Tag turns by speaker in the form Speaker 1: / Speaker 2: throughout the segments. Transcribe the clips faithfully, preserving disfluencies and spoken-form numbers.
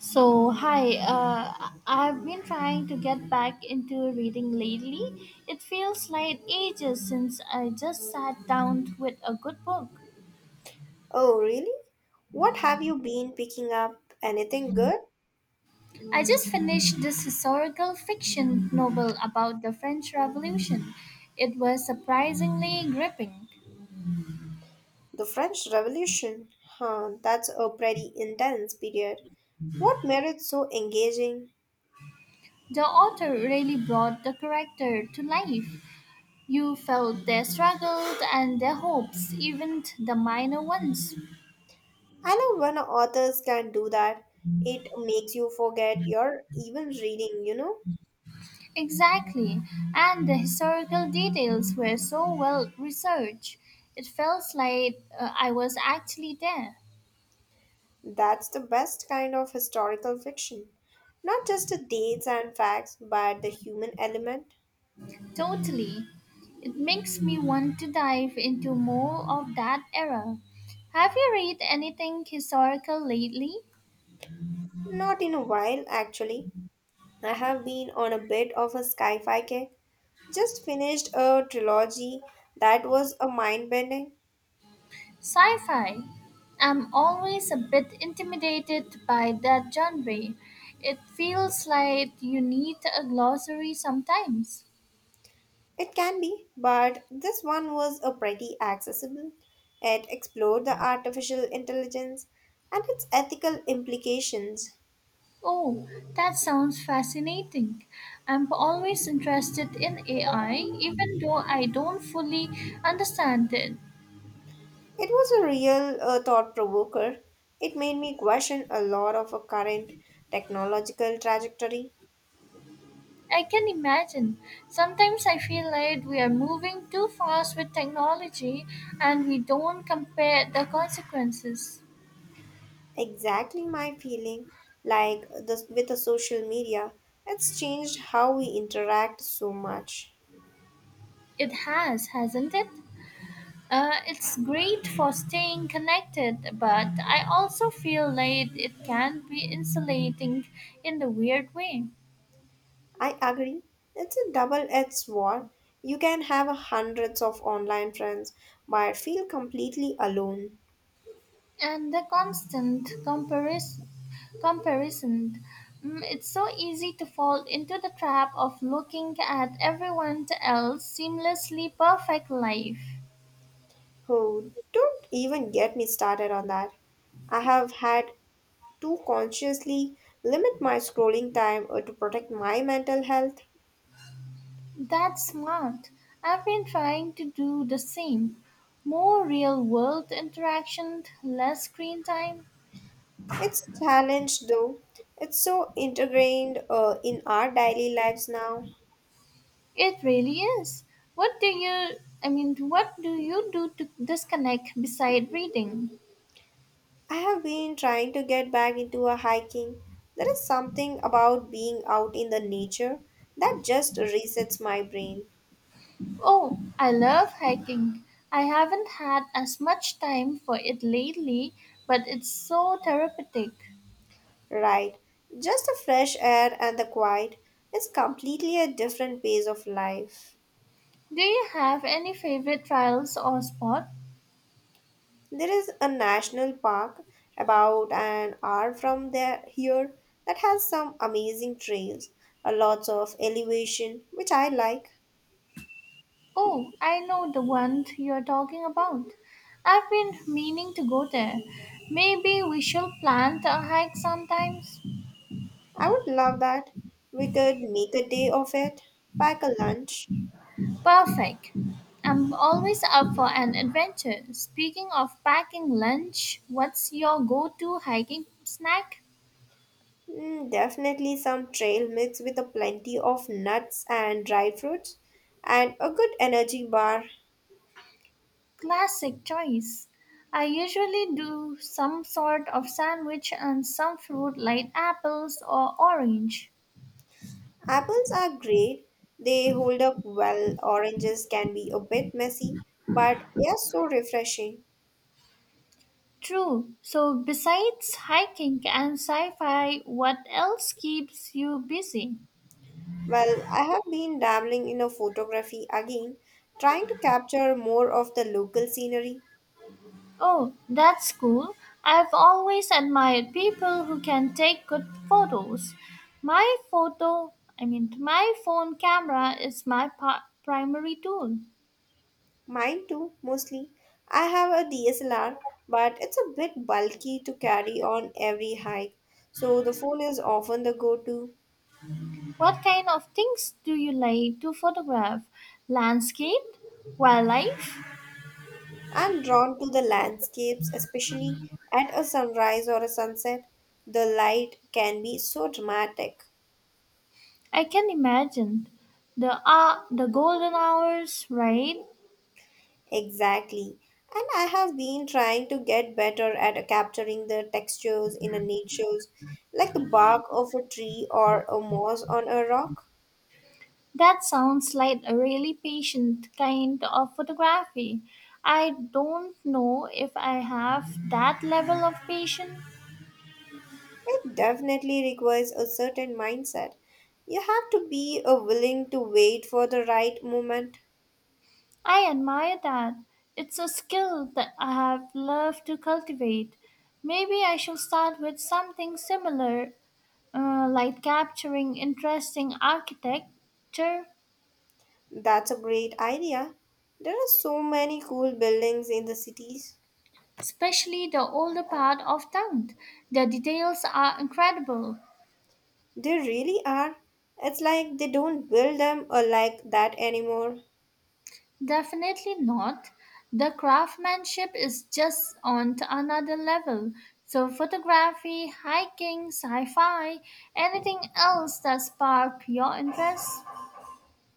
Speaker 1: So, hi, uh, I've been trying to get back into reading lately. It feels like ages since I just sat down with a good book.
Speaker 2: Oh, really? What have you been picking up? Anything good?
Speaker 1: I just finished this historical fiction novel about the French Revolution. It was surprisingly gripping.
Speaker 2: The French Revolution. Huh, that's a pretty intense period. What made it so engaging?
Speaker 1: The author really brought the character to life. You felt their struggles and their hopes, even the minor ones.
Speaker 2: I love when authors can do that. It makes you forget you're even reading, you know?
Speaker 1: Exactly, and the historical details were so well researched. It felt like uh, I was actually there.
Speaker 2: That's the best kind of historical fiction. Not just the dates and facts, but the human element.
Speaker 1: Totally. It makes me want to dive into more of that era. Have you read anything historical lately?
Speaker 2: Not in a while, actually. I have been on a bit of a sci fi kick. Just finished a trilogy that was a mind bending.
Speaker 1: Sci fi. I'm always a bit intimidated by that genre. It feels like you need a glossary sometimes.
Speaker 2: It can be, but this one was a pretty accessible. It explored the artificial intelligence and its ethical implications.
Speaker 1: Oh, that sounds fascinating. I'm always interested in A I, even though I don't fully understand it.
Speaker 2: It was a real uh, thought provoker. It made me question a lot of our current technological trajectory.
Speaker 1: I can imagine. Sometimes I feel like we are moving too fast with technology and we don't compare the consequences.
Speaker 2: Exactly my feeling, like this with the social media, it's changed how we interact so much.
Speaker 1: It has, hasn't it? Uh, it's great for staying connected, but I also feel like it can be insulating in the weird way.
Speaker 2: I agree. It's a double edged sword. You can have hundreds of online friends but feel completely alone.
Speaker 1: And the constant comparison comparison Mm, it's so easy to fall into the trap of looking at everyone else's seamlessly perfect life.
Speaker 2: Oh, don't even get me started on that. I have had to consciously limit my scrolling time uh, to protect my mental health.
Speaker 1: That's smart. I've been trying to do the same, more real world interaction, less screen time.
Speaker 2: It's a challenge though. It's so integrated uh, in our daily lives now.
Speaker 1: It really is. What do you i mean what do you do to disconnect beside reading?
Speaker 2: I have been trying to get back into a hiking. There is something about being out in the nature that just resets my brain,
Speaker 1: Oh, I love hiking. I haven't had as much time for it lately, but it's so therapeutic.
Speaker 2: right? Just the fresh air and the quiet is completely a different pace of life.
Speaker 1: Do you have any favorite trails or spot?
Speaker 2: There is a national park about an hour from there here that has some amazing trails, a lots of elevation, which I like.
Speaker 1: Oh, I know the one you're talking about. I've been meaning to go there. Maybe we should plan a hike sometimes.
Speaker 2: I would love that. We could make a day of it, pack a lunch.
Speaker 1: Perfect. I'm always up for an adventure. Speaking of packing lunch, what's your go-to hiking snack?
Speaker 2: Mm, definitely some trail mix with a plenty of nuts and dry fruits and a good energy bar.
Speaker 1: Classic choice. I usually do some sort of sandwich and some fruit like apples or orange.
Speaker 2: Apples are great. They hold up well. Oranges can be a bit messy, but they are so refreshing.
Speaker 1: True. So, besides hiking and sci fi, what else keeps you busy?
Speaker 2: Well, I have been dabbling in a photography again, trying to capture more of the local scenery.
Speaker 1: Oh, that's cool. I've always admired people who can take good photos. My photo, I mean, My phone camera is my pa- primary tool.
Speaker 2: Mine too, mostly. I have a D S L R, but it's a bit bulky to carry on every hike, so the phone is often the go-to.
Speaker 1: What kind of things do you like to photograph? Landscape, wildlife?
Speaker 2: I'm drawn to the landscapes, especially at a sunrise or a sunset. The light can be so dramatic.
Speaker 1: I can imagine. The uh, the golden hours, right?
Speaker 2: Exactly. And I have been trying to get better at capturing the textures in a nature's, like the bark of a tree or a moss on a rock.
Speaker 1: That sounds like a really patient kind of photography. I don't know if I have that level of patience.
Speaker 2: It definitely requires a certain mindset. You have to be uh, willing to wait for the right moment.
Speaker 1: I admire that. It's a skill that I have loved to cultivate. Maybe I should start with something similar, uh, like capturing interesting architecture,
Speaker 2: That's a great idea. There are so many cool buildings in the cities.
Speaker 1: especially the older part of town. The details are incredible.
Speaker 2: They really are. It's like they don't build them or like that anymore.
Speaker 1: Definitely not. The craftsmanship is just on to another level. So photography, hiking, sci-fi, anything else that spark your interest?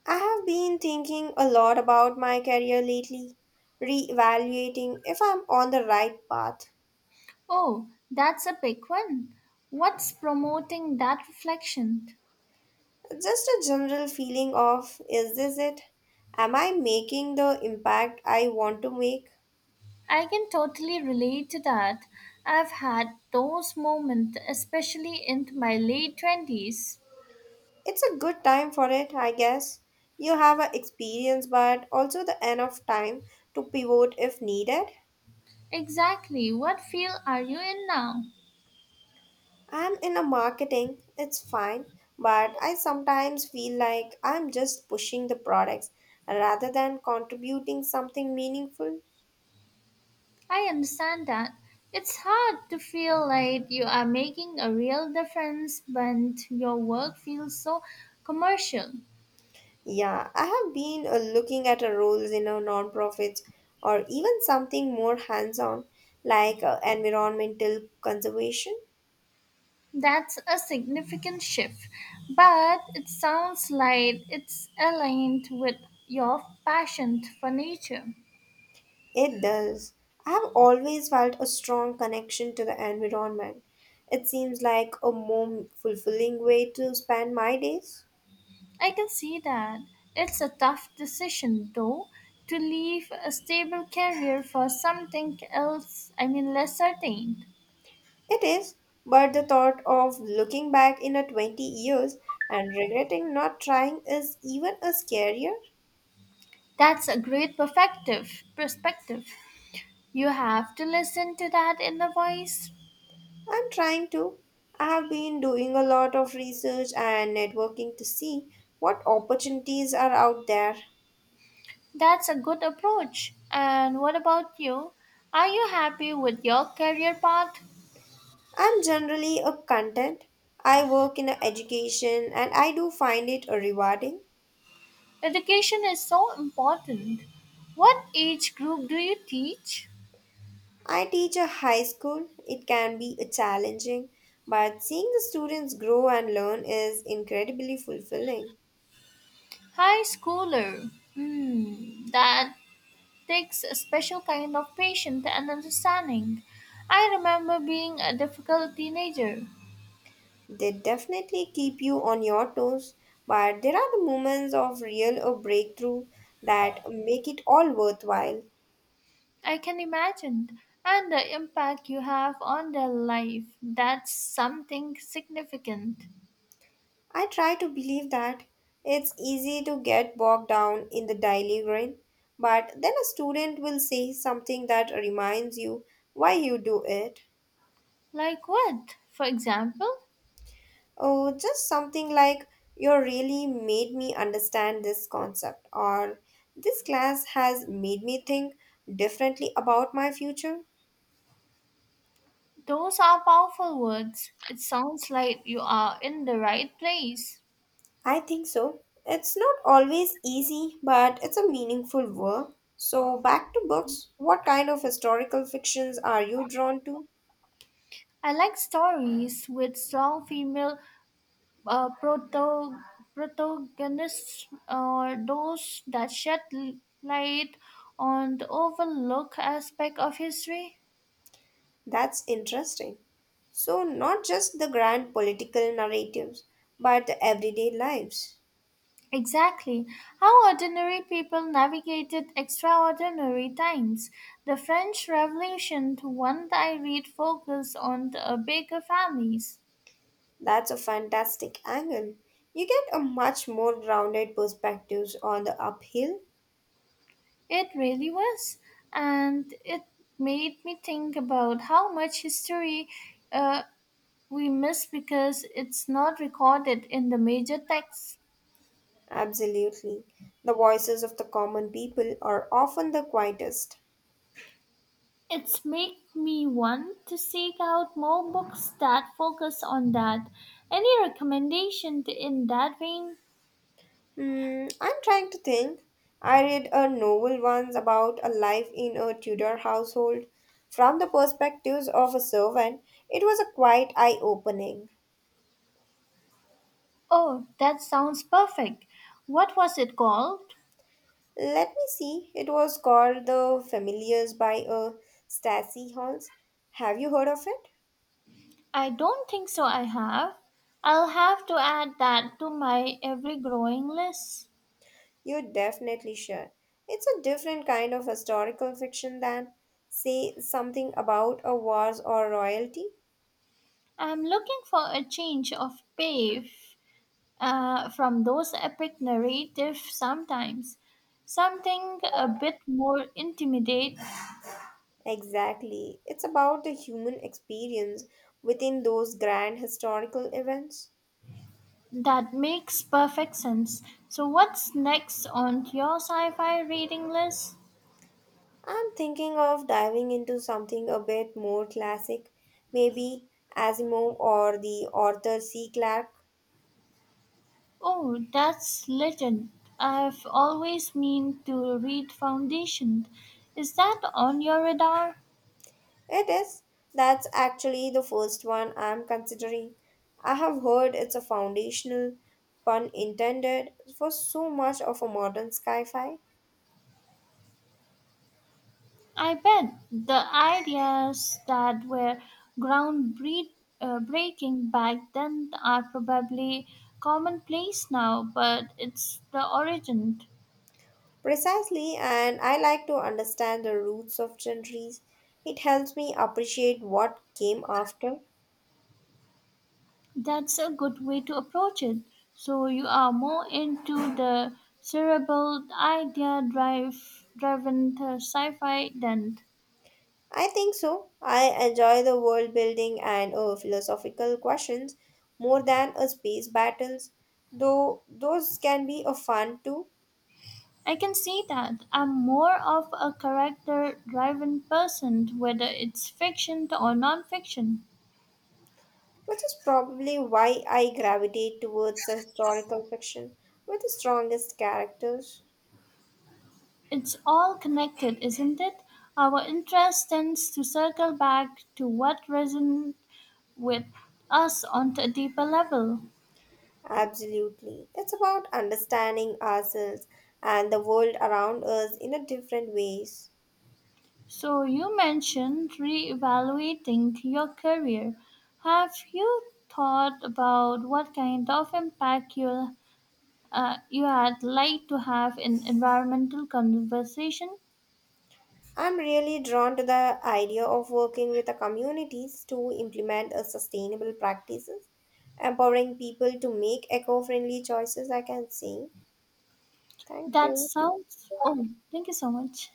Speaker 2: I have been thinking a lot about my career lately, reevaluating if I'm on the right path.
Speaker 1: Oh, that's a big one. What's promoting that reflection?
Speaker 2: Just a general feeling of is this it? Am I making the impact I want to make?
Speaker 1: I can totally relate to that. I've had those moments, especially in my late twenties.
Speaker 2: It's a good time for it, I guess. You have a experience but also the enough time to pivot if needed.
Speaker 1: Exactly what field are you in now?
Speaker 2: I'm in a marketing, it's fine, but I sometimes feel like I'm just pushing the products rather than contributing something meaningful.
Speaker 1: I understand that. It's hard to feel like you are making a real difference when your work feels so commercial.
Speaker 2: Yeah, I have been uh, looking at a roles in a non-profits or even something more hands-on like uh, environmental conservation.
Speaker 1: That's a significant shift, but it sounds like it's aligned with your passion for nature.
Speaker 2: It does. I have always felt a strong connection to the environment. It seems like a more fulfilling way to spend my days.
Speaker 1: I can see that. It's a tough decision, though, to leave a stable career for something else, I mean, less certain.
Speaker 2: It is, but the thought of looking back in a twenty years and regretting not trying is even a scarier.
Speaker 1: That's a great perspective. Perspective. You have to listen to that inner voice.
Speaker 2: I'm trying to. I have been doing a lot of research and networking to see what opportunities are out there.
Speaker 1: That's a good approach. And what about you? Are you happy with your career path?
Speaker 2: I'm generally a content. I work in a education and I do find it a rewarding.
Speaker 1: Education is so important. What age group do you teach?
Speaker 2: I teach a high school. It can be a challenging, but seeing the students grow and learn is incredibly fulfilling.
Speaker 1: High schooler. Hmm, that takes a special kind of patience and understanding. I remember being a difficult teenager.
Speaker 2: They definitely keep you on your toes, but there are the moments of real or breakthrough that make it all worthwhile.
Speaker 1: I can imagine. And the impact you have on their life. That's something significant.
Speaker 2: I try to believe that it's easy to get bogged down in the daily grind, but then a student will say something that reminds you why you do it.
Speaker 1: Like what? For example?
Speaker 2: Oh, just something like, you really made me understand this concept, or this class has made me think differently about my future.
Speaker 1: Those are powerful words. It sounds like you are in the right place.
Speaker 2: I think so. It's not always easy, but it's a meaningful work. So, back to books. What kind of historical fictions are you drawn to?
Speaker 1: I like stories with strong female uh, proto- protagonists or those that shed l- light on the overlooked aspect of history?
Speaker 2: That's interesting. So, not just the grand political narratives, but the everyday lives.
Speaker 1: Exactly. How ordinary people navigated extraordinary times. The French Revolution, the one that I read, focused on the uh, bigger families.
Speaker 2: That's a fantastic angle. You get a much more grounded perspectives on the uphill.
Speaker 1: It really was. And it made me think about how much history, uh, we miss because it's not recorded in the major texts.
Speaker 2: Absolutely. The voices of the common people are often the quietest.
Speaker 1: It's make me want to seek out more books that focus on that. Any recommendation to- in that vein?
Speaker 2: Hmm, I'm trying to think. I read a novel once about a life in a Tudor household from the perspectives of a servant. It was a quite eye opening.
Speaker 1: Oh, that sounds perfect. What was it called?
Speaker 2: Let me see. It was called The Familiars by a Stacy Halls. Have you heard of it?
Speaker 1: I don't think so I have. I'll have to add that to my ever growing list.
Speaker 2: You definitely should. It's a different kind of historical fiction than, say, something about a wars or royalty.
Speaker 1: I'm looking for a change of pace, uh, from those epic narratives sometimes. Something a bit more intimate.
Speaker 2: Exactly. It's about the human experience within those grand historical events.
Speaker 1: That makes perfect sense. So, what's next on your sci fi reading list?
Speaker 2: I'm thinking of diving into something a bit more classic, maybe Asimov or the Arthur C. Clarke.
Speaker 1: Oh, that's legend. I've always meant to read Foundation. Is that on your radar?
Speaker 2: It is. That's actually the first one I'm considering. I have heard it's a foundational, pun intended, for so much of a modern sci fi.
Speaker 1: I bet the ideas that were groundbreaking, uh, breaking back then are probably commonplace now, but it's the origin.
Speaker 2: Precisely, and I like to understand the roots of genres. It helps me appreciate what came after.
Speaker 1: That's a good way to approach it. So you are more into the cerebral idea drive driven uh, sci-fi than
Speaker 2: I think so. I enjoy the world building and uh, philosophical questions more than a space battles, though those can be a fun too,
Speaker 1: I can see that. I'm more of a character driven person, whether it's fiction or non-fiction.
Speaker 2: which is probably why I gravitate towards the historical fiction with the strongest characters.
Speaker 1: It's all connected, isn't it? Our interest tends to circle back to what resonates with us on a deeper level.
Speaker 2: Absolutely. That's about understanding ourselves and the world around us in a different ways.
Speaker 1: So, you mentioned reevaluating your career. Have you thought about what kind of impact you, uh, you had like to have in environmental conservation?
Speaker 2: I'm really drawn to the idea of working with the communities to implement a sustainable practices, empowering people to make eco-friendly choices, I can say. Thank
Speaker 1: That
Speaker 2: you.
Speaker 1: sounds. Oh, thank you so much.